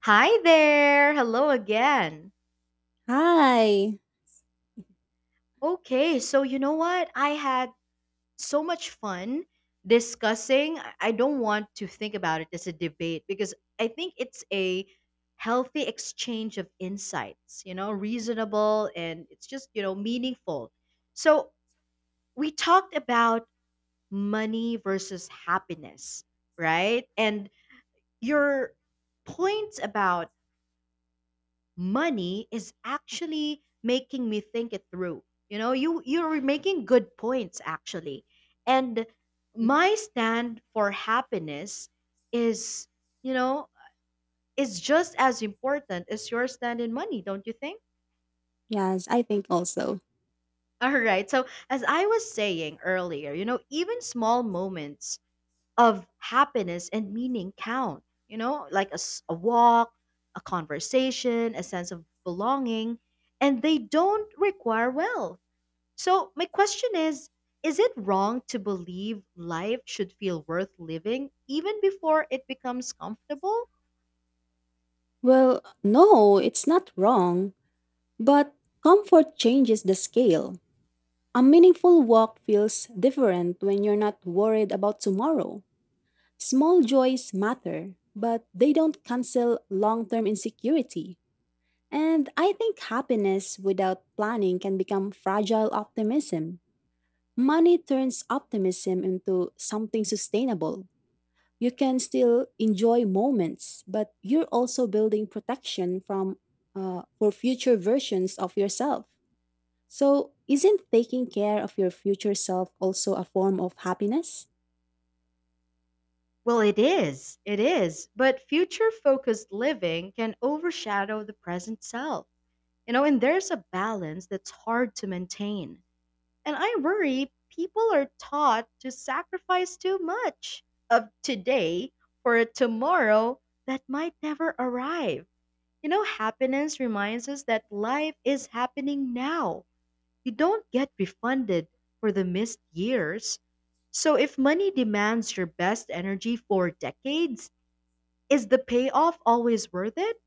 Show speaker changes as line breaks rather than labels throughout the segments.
Hi there. Hello again.
Hi.
Okay, so you know what? I had so much fun discussing. I don't want to think about it as a debate because I think it's a healthy exchange of insights, reasonable and it's just meaningful. So, we talked about money versus happiness, right? And your points about money is actually making me think it through. You know, you you're making good points actually. And my stand for happiness is, you know, is just as important as your stand in money, don't you think?
Yes, I think also.
All right. So, as I was saying earlier, even small moments of happiness and meaning count. Like a walk, a conversation, a sense of belonging, and they don't require wealth. So, my question is it wrong to believe life should feel worth living even before it becomes comfortable?
Well, no, it's not wrong, but comfort changes the scale. A meaningful walk feels different when you're not worried about tomorrow. Small joys matter, but they don't cancel long term insecurity. And I think happiness without planning can become fragile optimism. Money turns optimism into something sustainable. You can still enjoy moments, but you're also building protection from for future versions of yourself. So, isn't taking care of your future self also a form of happiness?
Well, it is. It is. But future focused living can overshadow the present self. And there's a balance that's hard to maintain. And I worry people are taught to sacrifice too much of today for a tomorrow that might never arrive. Happiness reminds us that life is happening now. You don't get refunded for the missed years. So if money demands your best energy for decades, is the payoff always worth it?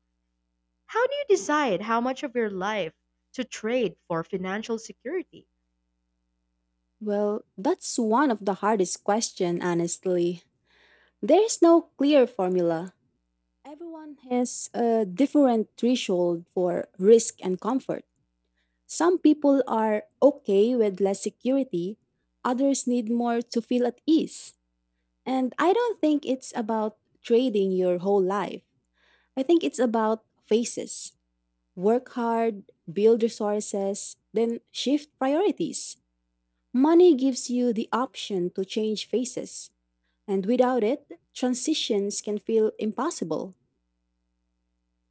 How do you decide how much of your life to trade for financial security?
Well, that's one of the hardest questions, honestly. There's no clear formula. Everyone has a different threshold for risk and comfort. Some people are okay with less security, others need more to feel at ease. And I don't think it's about trading your whole life. I think it's about phases. Work hard, build resources, then shift priorities. Money gives you the option to change phases. And without it, transitions can feel impossible.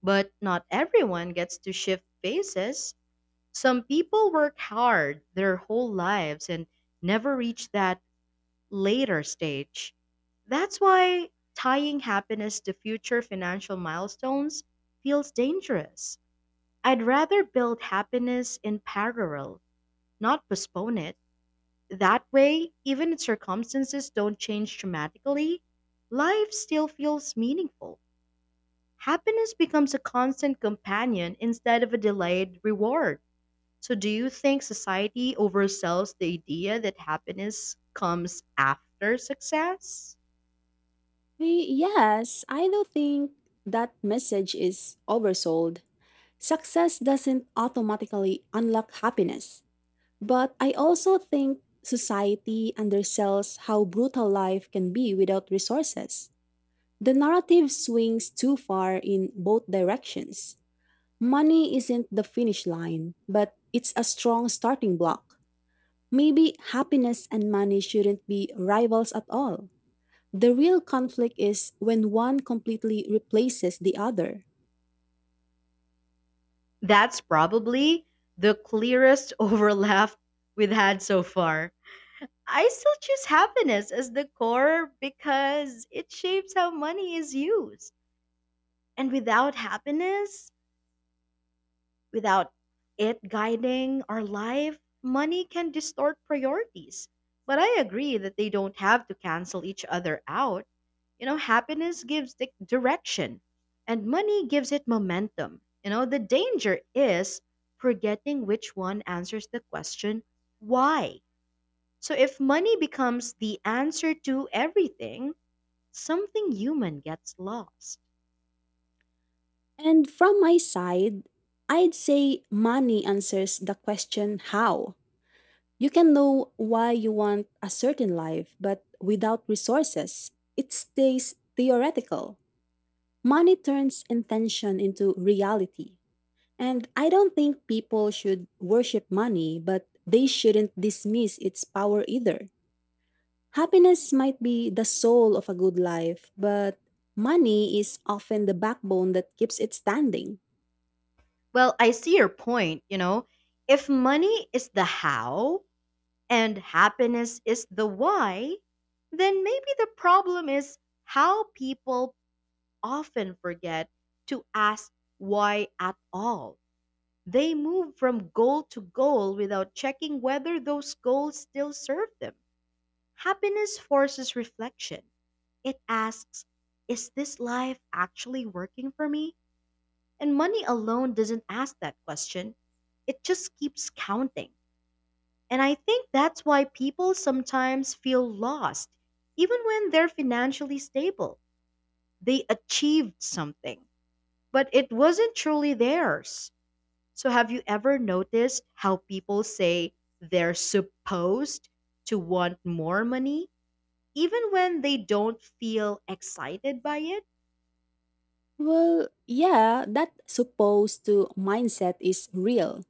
But not everyone gets to shift phases. Some people work hard their whole lives and never reach that later stage. That's why tying happiness to future financial milestones feels dangerous. I'd rather build happiness in parallel, not postpone it. That way, even if circumstances don't change dramatically, life still feels meaningful. Happiness becomes a constant companion instead of a delayed reward. So, do you think society oversells the idea that happiness comes after success?
Yes, I do think that message is oversold. Success doesn't automatically unlock happiness. But I also think society undersells how brutal life can be without resources. The narrative swings too far in both directions. Money isn't the finish line, but it's a strong starting block. Maybe happiness and money shouldn't be rivals at all. The real conflict is when one completely replaces the other.
That's probably the clearest overlap we've had so far. I still choose happiness as the core because it shapes how money is used. And without happiness, Without it guiding our life, money can distort priorities. But I agree that they don't have to cancel each other out. Happiness gives direction and money gives it momentum. You know, the danger is forgetting which one answers the question, why? So if money becomes the answer to everything, something human gets lost.
And from my side, I'd say money answers the question how. You can know why you want a certain life, but without resources, it stays theoretical. Money turns intention into reality. And I don't think people should worship money, but they shouldn't dismiss its power either. Happiness might be the soul of a good life, but money is often the backbone that keeps it standing.
Well, I see your point, you know. If money is the how, and happiness is the why, then maybe the problem is how people often forget to ask why at all. They move from goal to goal without checking whether those goals still serve them. Happiness forces reflection. It asks, is this life actually working for me? And money alone doesn't ask that question. It just keeps counting. And I think that's why people sometimes feel lost, even when they're financially stable. They achieved something, but it wasn't truly theirs. So, have you ever noticed how people say they're supposed to want more money, even when they don't feel excited by it?
Well, yeah, that supposed to mindset is real.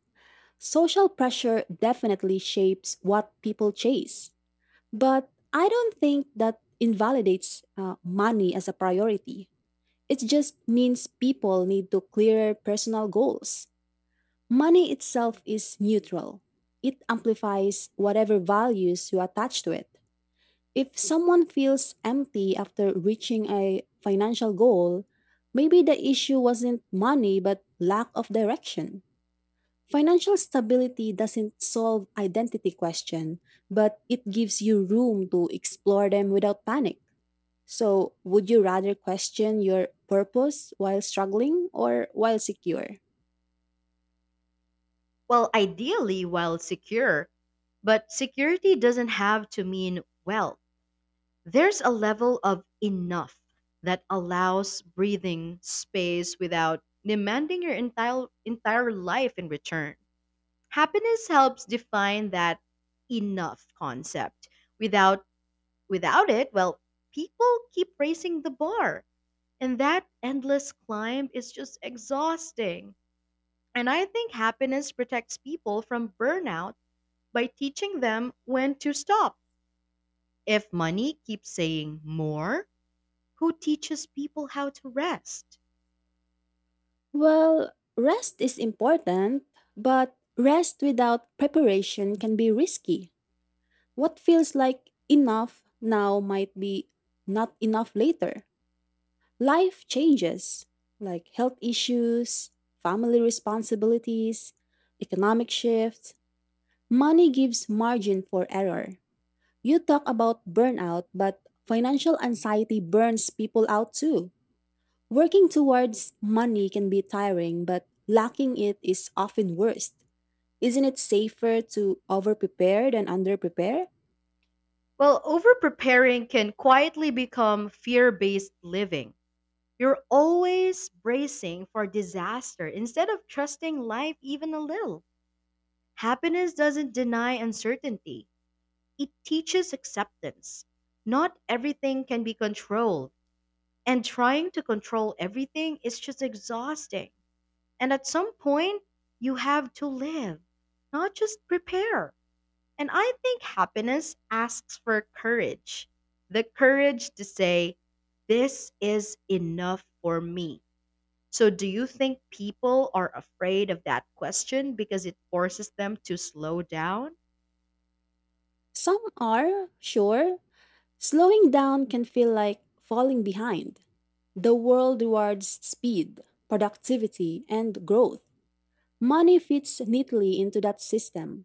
Social pressure definitely shapes what people chase, but I don't think that invalidates money as a priority. It just means people need to clear personal goals. Money itself is neutral, it amplifies whatever values you attach to it. If someone feels empty after reaching a financial goal, maybe the issue wasn't money but lack of direction. Financial stability doesn't solve identity question, but it gives you room to explore them without panic. So, would you rather question your purpose while struggling or while secure?
Well, ideally, while secure, but security doesn't have to mean wealth. There's a level of enough that allows breathing space without demanding your entire life in return. Happiness helps define that enough concept. Without without it, well, people keep raising the bar, and that endless climb is just exhausting. And I think happiness protects people from burnout by teaching them when to stop. If money keeps saying more, who teaches people how to rest?
Well, rest is important, but rest without preparation can be risky. What feels like enough now might be not enough later. Life changes, like health issues, family responsibilities, economic shifts. Money gives margin for error. You talk about burnout, but financial anxiety burns people out too. Working towards money can be tiring, but lacking it is often worse. Isn't it safer to overprepare than underprepare?
Well, overpreparing can quietly become fear based living. You're always bracing for disaster instead of trusting life even a little. Happiness doesn't deny uncertainty, it teaches acceptance. Not everything can be controlled, and trying to control everything is just exhausting. And at some point, you have to live, not just prepare. And I think happiness asks for courage, the courage to say, this is enough for me. So, do you think people are afraid of that question because it forces them to slow down?
Some are, sure. Slowing down can feel like falling behind. The world rewards speed, productivity, and growth. Money fits neatly into that system.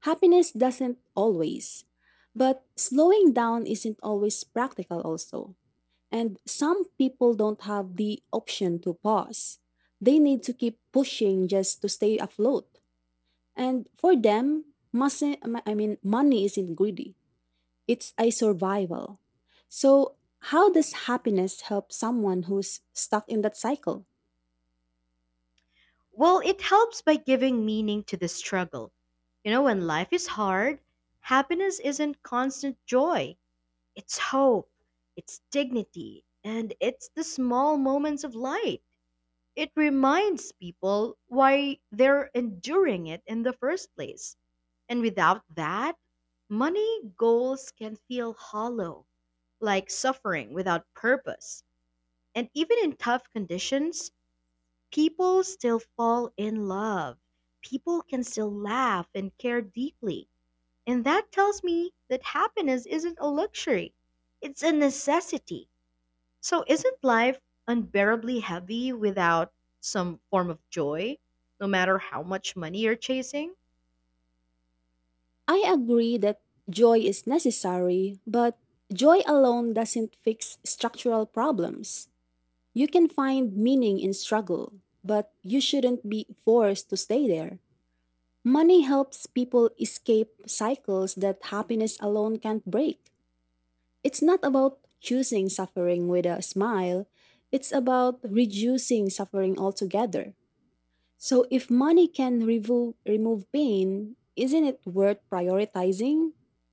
Happiness doesn't always. But slowing down isn't always practical, also. And some people don't have the option to pause. They need to keep pushing just to stay afloat. And for them, money isn't greedy. It's a survival. So, how does happiness help someone who's stuck in that cycle?
Well, it helps by giving meaning to the struggle. You know, when life is hard, happiness isn't constant joy, it's hope, it's dignity, and it's the small moments of light. It reminds people why they're enduring it in the first place. And without that, money goals can feel hollow, like suffering without purpose. And even in tough conditions, people still fall in love. People can still laugh and care deeply. And that tells me that happiness isn't a luxury, it's a necessity. So isn't life unbearably heavy without some form of joy, no matter how much money you're chasing?
I agree that joy is necessary, but joy alone doesn't fix structural problems. You can find meaning in struggle, but you shouldn't be forced to stay there. Money helps people escape cycles that happiness alone can't break. It's not about choosing suffering with a smile, it's about reducing suffering altogether. So if money can remove pain, isn't it worth prioritizing?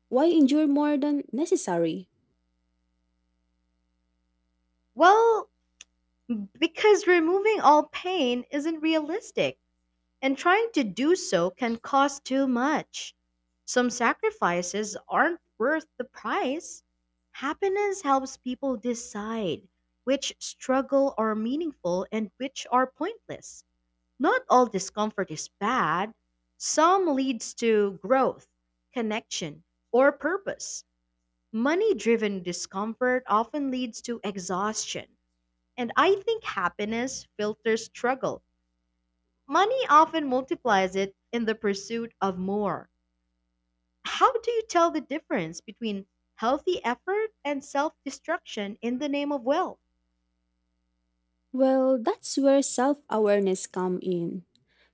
Why endure more than necessary?
Well, because removing all pain isn't realistic, and trying to do so can cost too much. Some sacrifices aren't worth the price. Happiness helps people decide which struggle are meaningful and which are pointless. Not all discomfort is bad. Some leads to growth, connection, or purpose. Money driven discomfort often leads to exhaustion. And I think happiness filters struggle. Money often multiplies it in the pursuit of more. How do you tell the difference between healthy effort and self destruction in the name of wealth?
Well, that's where self-awareness come in.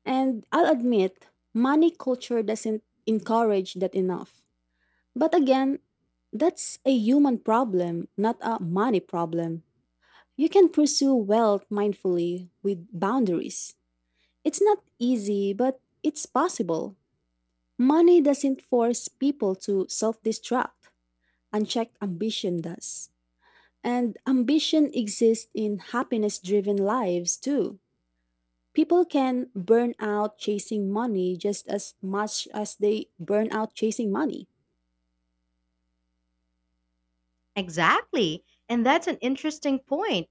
And I'll admit, money culture doesn't encourage that enough. But again, that's a human problem, not a money problem. You can pursue wealth mindfully with boundaries. It's not easy, but it's possible. Money doesn't force people to self destruct, unchecked ambition does. And ambition exists in happiness driven lives too. People can burn out chasing money just as much as they burn out chasing money.
Exactly. And that's an interesting point.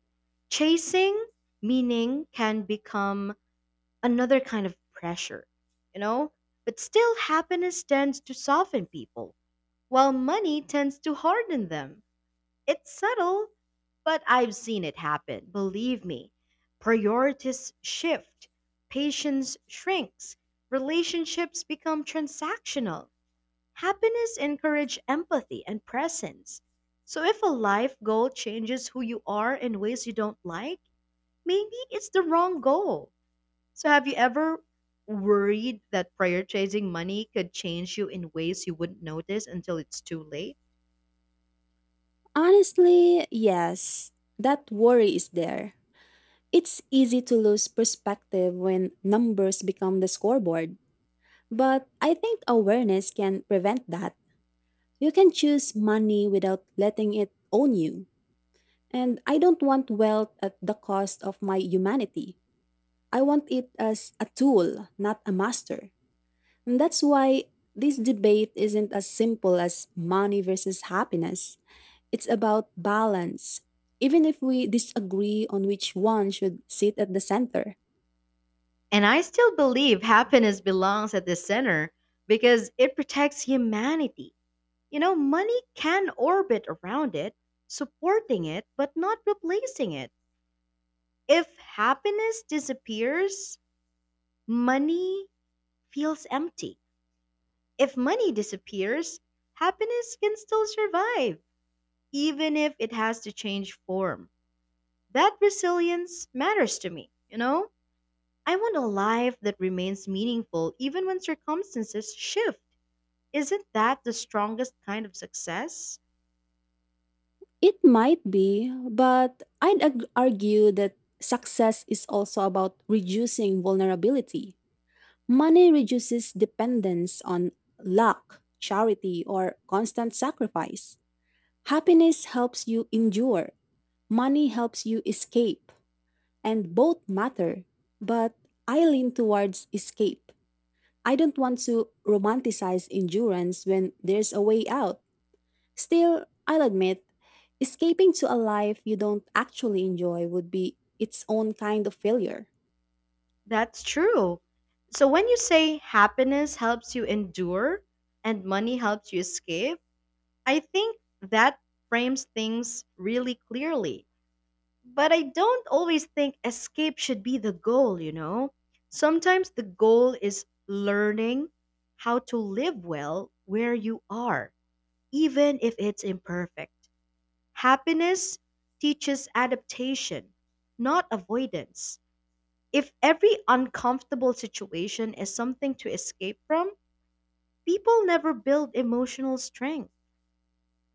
Chasing meaning can become another kind of pressure, you know? But still, happiness tends to soften people, while money tends to harden them. It's subtle, but I've seen it happen, believe me. Priorities shift, patience shrinks, relationships become transactional. Happiness encourages empathy and presence. So if a life goal changes who you are in ways you don't like, maybe it's the wrong goal. So, have you ever worried that prioritizing money could change you in ways you wouldn't notice until it's too late?
Honestly, yes, that worry is there. It's easy to lose perspective when numbers become the scoreboard, but I think awareness can prevent that. You can choose money without letting it own you. And I don't want wealth at the cost of my humanity. I want it as a tool, not a master. And that's why this debate isn't as simple as money versus happiness. It's about balance. Even if we disagree on which one should sit at the center,
And I still believe happiness belongs at the center because it protects humanity. Money can orbit around it, supporting it, but not replacing it. If happiness disappears, money feels empty. If money disappears, happiness can still survive, even if it has to change form. That resilience matters to me, you know? I want a life that remains meaningful even when circumstances shift. Isn't that the strongest kind of success?
it might be, but I'd argue that success is also about reducing vulnerability. Money reduces dependence on luck, charity, or constant sacrifice. Happiness helps you endure, money helps you escape, and both matter. But I lean towards escape. I don't want to romanticize endurance when there's a way out. Still, I'll admit, escaping to a life you don't actually enjoy would be its own kind of failure.
That's true. So when you say happiness helps you endure and money helps you escape, I think that frames things really clearly. But I don't always think escape should be the goal, you know? Sometimes the goal is learning how to live well where you are, even if it's imperfect. Happiness teaches adaptation, not avoidance. If every uncomfortable situation is something to escape from, people never build emotional strength.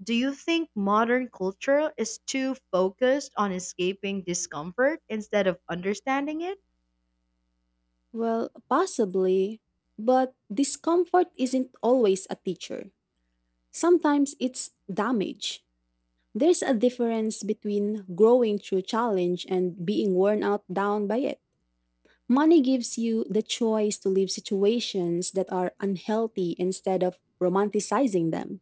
Do you think modern culture is too focused on escaping discomfort instead of understanding it?
Well, possibly, but discomfort isn't always a teacher. Sometimes it's damage. There's a difference between growing through challenge and being worn out down by it. Money gives you the choice to leave situations that are unhealthy instead of romanticizing them.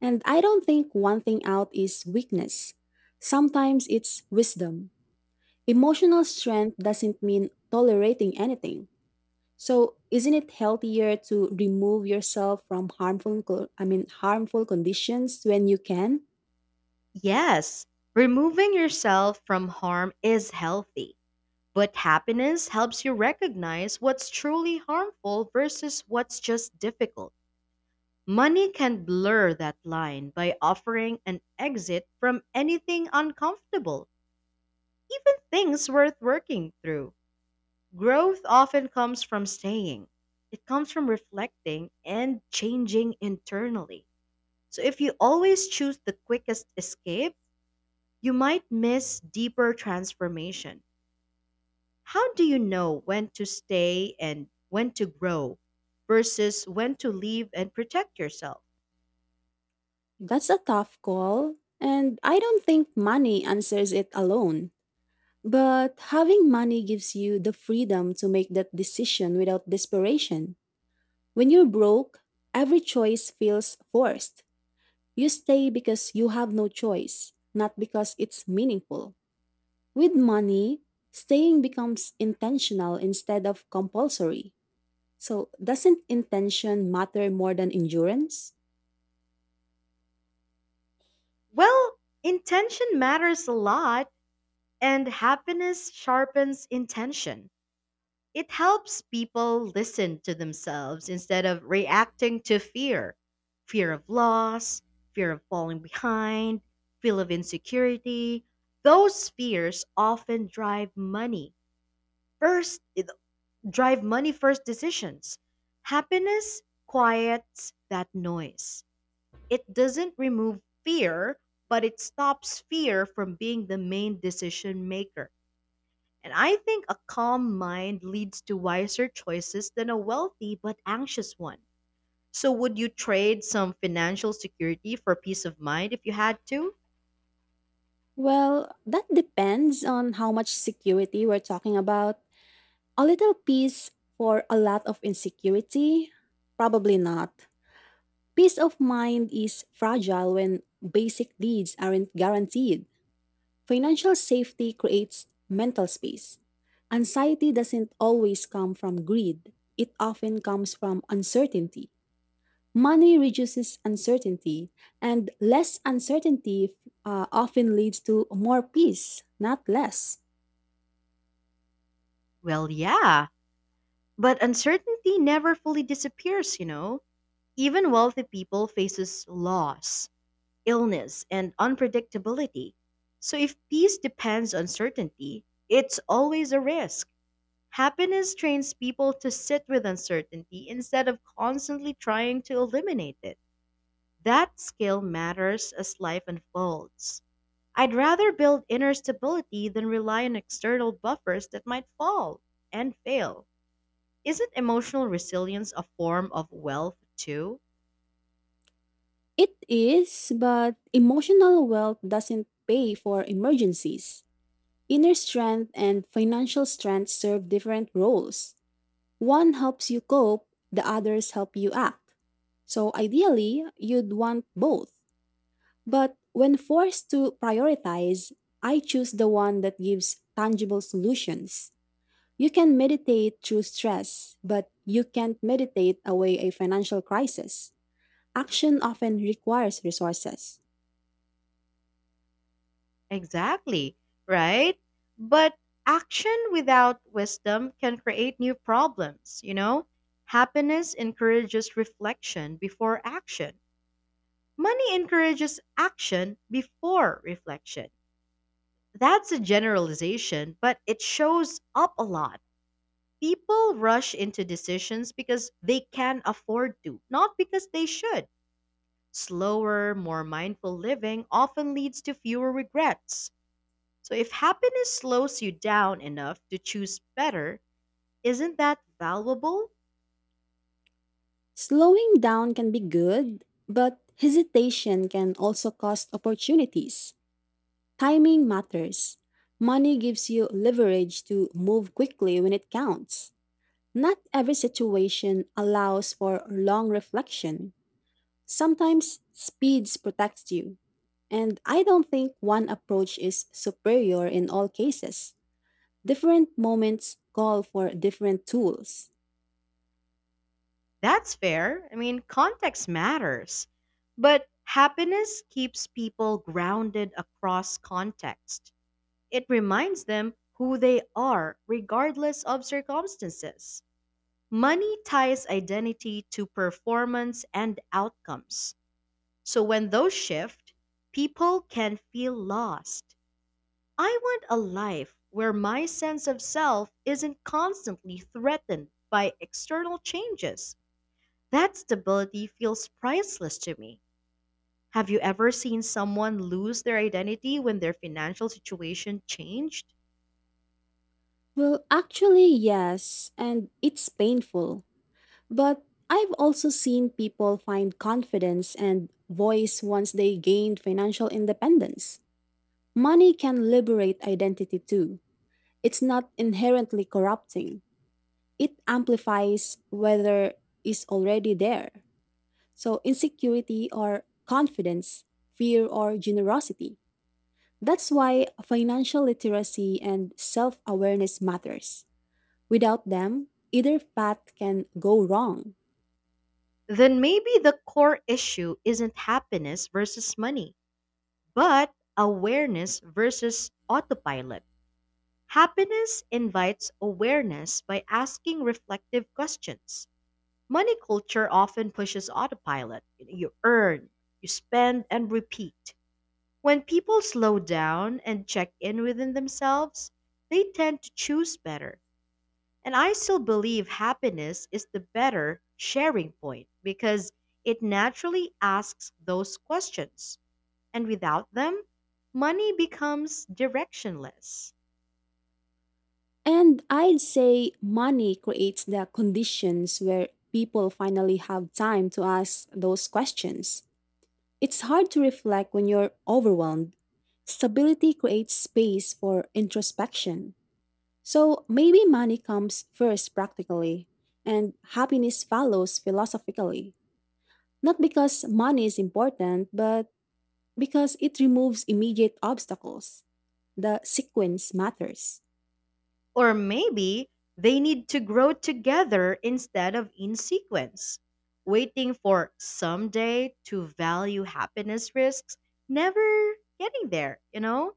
And I don't think one thing out is weakness. Sometimes it's wisdom. Emotional strength doesn't mean tolerating anything. So, isn't it healthier to remove yourself from harmful co- I mean harmful conditions when you can?
Yes, removing yourself from harm is healthy, but happiness helps you recognize what's truly harmful versus what's just difficult. Money can blur that line by offering an exit from anything uncomfortable, even things worth working through. Growth often comes from staying. It comes from reflecting and changing internally. So if you always choose the quickest escape, you might miss deeper transformation. How do you know when to stay and when to grow versus when to leave and protect yourself?
That's a tough call, and I don't think money answers it alone. But having money gives you the freedom to make that decision without desperation. When you're broke, every choice feels forced. You stay because you have no choice, not because it's meaningful. With money, staying becomes intentional instead of compulsory. So, doesn't intention matter more than endurance?
Well, intention matters a lot and happiness sharpens intention. It helps people listen to themselves instead of reacting to fear, fear of loss, fear of falling behind, feel of insecurity. Those fears often first, drive money first decisions. Happiness quiets that noise. It doesn't remove fear, but it stops fear from being the main decision maker. And I think a calm mind leads to wiser choices than a wealthy but anxious one. So, would you trade some financial security for peace of mind if you had to?
Well, that depends on how much security we're talking about. A little peace for a lot of insecurity? Probably not. Peace of mind is fragile when basic needs aren't guaranteed. Financial safety creates mental space. Anxiety doesn't always come from greed, it often comes from uncertainty. Money reduces uncertainty, and less uncertainty often leads to more peace, not less.
Well, yeah. But uncertainty never fully disappears, you know. Even wealthy people faces loss, illness, and unpredictability. So if peace depends on certainty, it's always a risk. Happiness trains people to sit with uncertainty instead of constantly trying to eliminate it. That skill matters as life unfolds. I'd rather build inner stability than rely on external buffers that might fall and fail. Isn't emotional resilience a form of wealth too?
It is, but emotional wealth doesn't pay for emergencies. Inner strength and financial strength serve different roles. One helps you cope, the others help you act. So ideally, you'd want both. But when forced to prioritize, I choose the one that gives tangible solutions. You can meditate through stress, but you can't meditate away a financial crisis. Action often requires resources.
Exactly, right? But action without wisdom can create new problems, you know? Happiness encourages reflection before action. Money encourages action before reflection. That's a generalization, but it shows up a lot. People rush into decisions because they can afford to, not because they should. Slower, more mindful living often leads to fewer regrets. So, if happiness slows you down enough to choose better, isn't that valuable?
Slowing down can be good, but hesitation can also cost opportunities. Timing matters. Money gives you leverage to move quickly when it counts. Not every situation allows for long reflection. Sometimes speeds protects you. And I don't think one approach is superior in all cases. Different moments call for different tools.
That's fair. I mean, context matters. But happiness keeps people grounded across context. It reminds them who they are, regardless of circumstances. Money ties identity to performance and outcomes. So when those shift, people can feel lost. I want a life where my sense of self isn't constantly threatened by external changes. That stability feels priceless to me. Have you ever seen someone lose their identity when their financial situation changed?
Well, actually, yes, and it's painful. But I've also seen people find confidence and voice once they gained financial independence. Money can liberate identity too. It's not inherently corrupting, it amplifies whether is already there. So, insecurity or confidence, fear or generosity. That's why financial literacy and self awareness matters. Without them, either path can go wrong.
Then maybe the core issue isn't happiness versus money, but awareness versus autopilot. Happiness invites awareness by asking reflective questions. Money culture often pushes autopilot. You earn, you spend, and repeat. When people slow down and check in within themselves, they tend to choose better. And I still believe happiness is the better sharing point because it naturally asks those questions. And without them, money becomes directionless.
And I'd say money creates the conditions where people finally have time to ask those questions. It's hard to reflect when you're overwhelmed. Stability creates space for introspection. So maybe money comes first practically, and happiness follows philosophically. Not because money is important, but because it removes immediate obstacles. The sequence matters.
Or maybe they need to grow together instead of in sequence. Waiting for someday to value happiness risks never getting there, you know?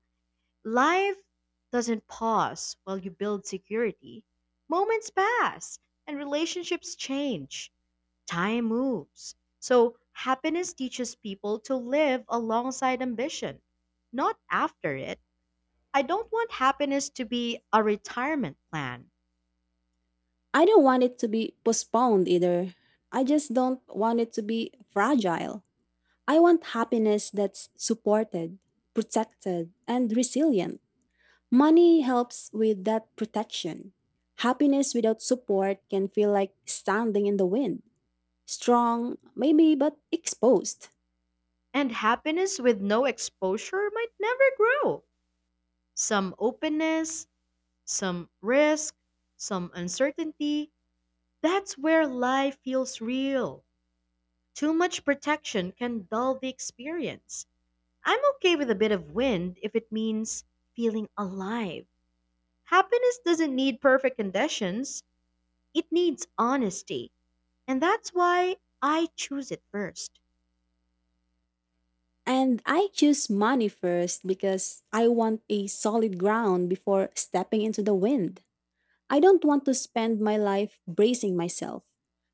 Life doesn't pause while you build security. Moments pass and relationships change. Time moves. So, happiness teaches people to live alongside ambition, not after it. I don't want happiness to be a retirement plan.
I don't want it to be postponed either. I just don't want it to be fragile. I want happiness that's supported, protected, and resilient. Money helps with that protection. Happiness without support can feel like standing in the wind. Strong, maybe, but exposed.
And happiness with no exposure might never grow. Some openness, some risk, some uncertainty. That's where life feels real. Too much protection can dull the experience. I'm okay with a bit of wind if it means feeling alive. Happiness doesn't need perfect conditions, it needs honesty. And that's why I choose it first.
And I choose money first because I want a solid ground before stepping into the wind. I don't want to spend my life bracing myself.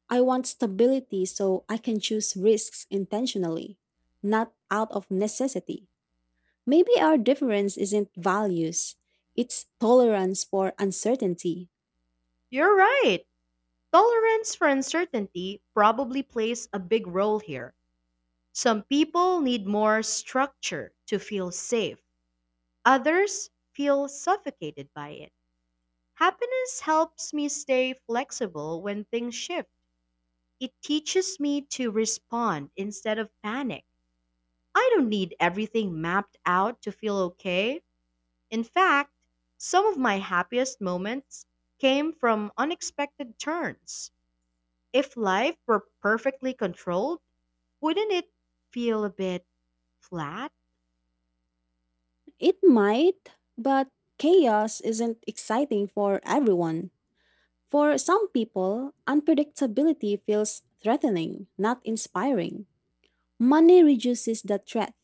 I want stability so I can choose risks intentionally, not out of necessity. Maybe our difference isn't values, it's tolerance for uncertainty.
You're right. Tolerance for uncertainty probably plays a big role here. Some people need more structure to feel safe, others feel suffocated by it. Happiness helps me stay flexible when things shift. It teaches me to respond instead of panic. I don't need everything mapped out to feel okay. In fact, some of my happiest moments came from unexpected turns. If life were perfectly controlled, wouldn't it feel a bit flat?
It might, but chaos isn't exciting for everyone. For some people, unpredictability feels threatening, not inspiring. Money reduces the threat.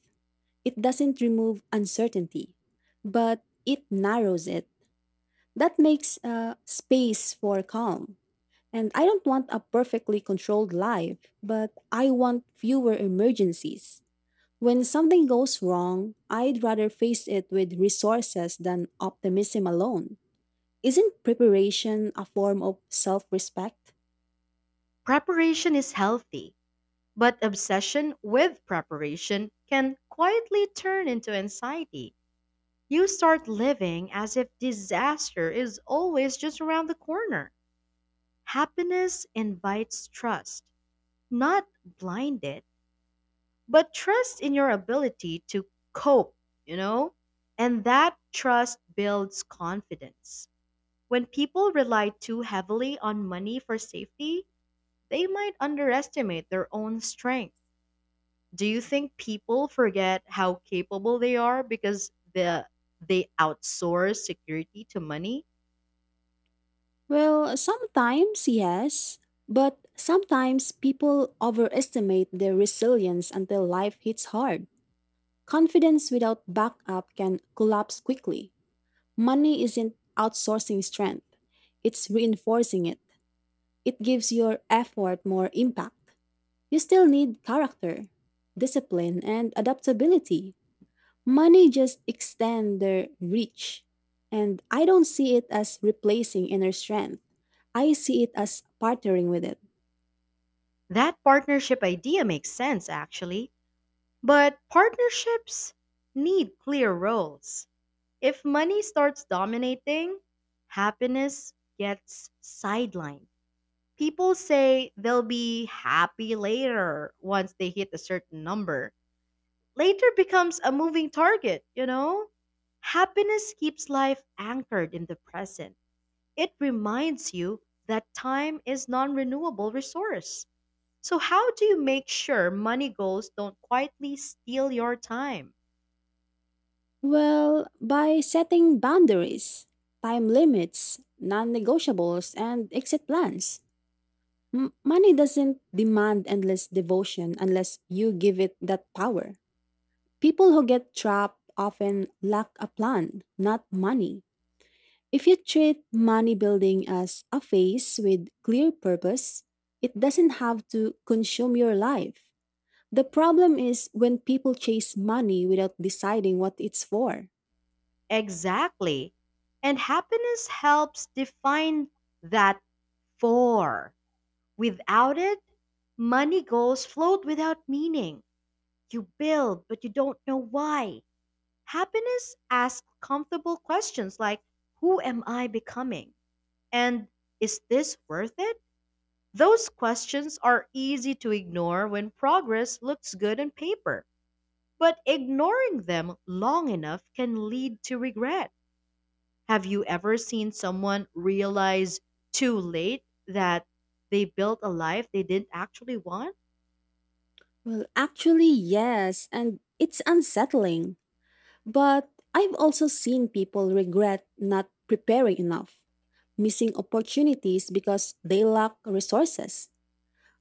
It doesn't remove uncertainty, but it narrows it. That makes space for calm. And I don't want a perfectly controlled life, but I want fewer emergencies. When something goes wrong, I'd rather face it with resources than optimism alone. Isn't preparation a form of self respect?
Preparation is healthy, but obsession with preparation can quietly turn into anxiety. You start living as if disaster is always just around the corner. Happiness invites trust, not blind it, but trust in your ability to cope, you know? And that trust builds confidence. When people rely too heavily on money for safety, they might underestimate their own strength. Do you think people forget how capable they are because they outsource security to money?
Well, sometimes, yes, but sometimes people overestimate their resilience until life hits hard. Confidence without backup can collapse quickly. Money isn't outsourcing strength, it's reinforcing it. It gives your effort more impact. You still need character, discipline, and adaptability. Money just extend their reach. And I don't see it as replacing inner strength. I see it as partnering with it.
That partnership idea makes sense, actually. But partnerships need clear roles. If money starts dominating, happiness gets sidelined. People say they'll be happy later once they hit a certain number. Later becomes a moving target, you know? Happiness keeps life anchored in the present. It reminds you that time is non-renewable resource. So how do you make sure money goals don't quietly steal your time?
Well, by setting boundaries, time limits, non negotiables, and exit plans. Money doesn't demand endless devotion unless you give it that power. People who get trapped often lack a plan, not money. If you treat money building as a phase with clear purpose, it doesn't have to consume your life. The problem is when people chase money without deciding what it's for.
Exactly. And happiness helps define that for. Without it, money goals float without meaning. You build, but you don't know why. Happiness asks comfortable questions like, who am I becoming? And, is this worth it? Those questions are easy to ignore when progress looks good on paper, but ignoring them long enough can lead to regret. Have you ever seen someone realize too late that they built a life they didn't actually want?
Well, actually, yes, and it's unsettling. But I've also seen people regret not preparing enough, missing opportunities because they lack resources.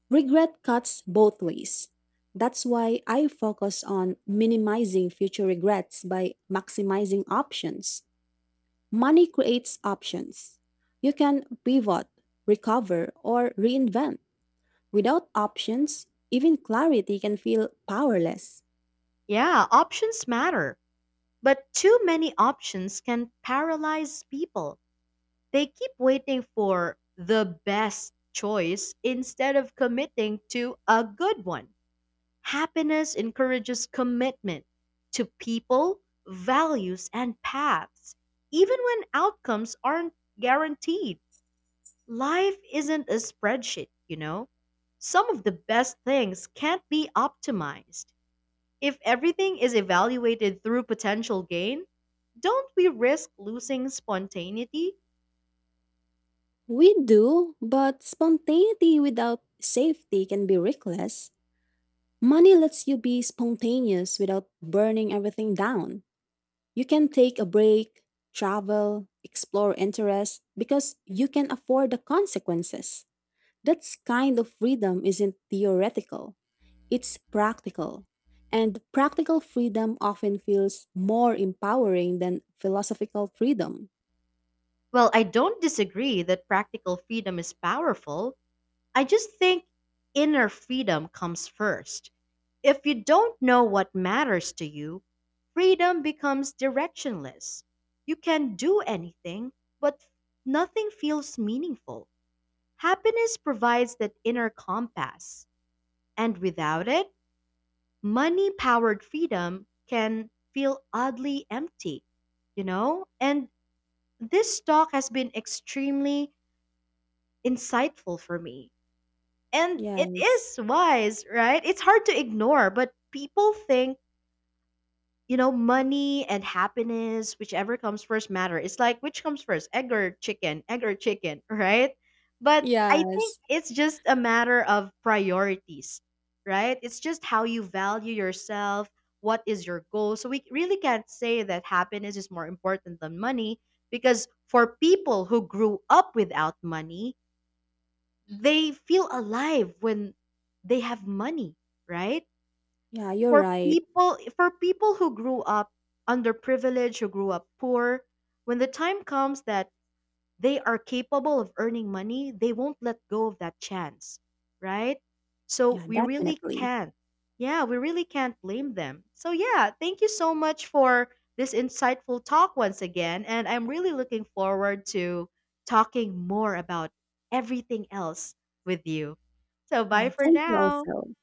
Regret cuts both ways. That's why I focus on minimizing future regrets by maximizing options. Money creates options. You can pivot, recover, or reinvent. Without options, even clarity can feel powerless.
Yeah, options matter, but too many options can paralyze people. They keep waiting for the best choice instead of committing to a good one. Happiness encourages commitment to people, values, and paths, even when outcomes aren't guaranteed. Life isn't a spreadsheet, you know? Some of the best things can't be optimized. If everything is evaluated through potential gain, don't we risk losing spontaneity?
We do, but spontaneity without safety can be reckless. Money lets you be spontaneous without burning everything down. You can take a break, travel, explore interests because you can afford the consequences. That kind of freedom isn't theoretical, it's practical. And practical freedom often feels more empowering than philosophical freedom.
Well, I don't disagree that practical freedom is powerful. I just think inner freedom comes first. If you don't know what matters to you, freedom becomes directionless. You can do anything, but nothing feels meaningful. Happiness provides that inner compass, and without it, money powered freedom can feel oddly empty, you know? And this talk has been extremely insightful for me. And it
Yes.
is wise, right? It's hard to ignore, but people think, money and happiness, whichever comes first matter. It's like which comes first, egg or chicken, right? But I think
Yes.
it's just a matter of priorities, right? It's just how you value yourself, what is your goal. So we really can't say that happiness is more important than money because for people who grew up without money, they feel alive when they have money, right?
Yeah, you're
for
right.
people for people who grew up underprivileged, who grew up poor, when the time comes that they are capable of earning money, they won't let go of that chance, right? So
Yeah,
we really
definitely.
can't, yeah, we really can't blame them. So, yeah, thank you so much for this insightful talk once again, and I'm really looking forward to talking more about everything else with you. So bye
Yeah,
for
thank you
now.
also.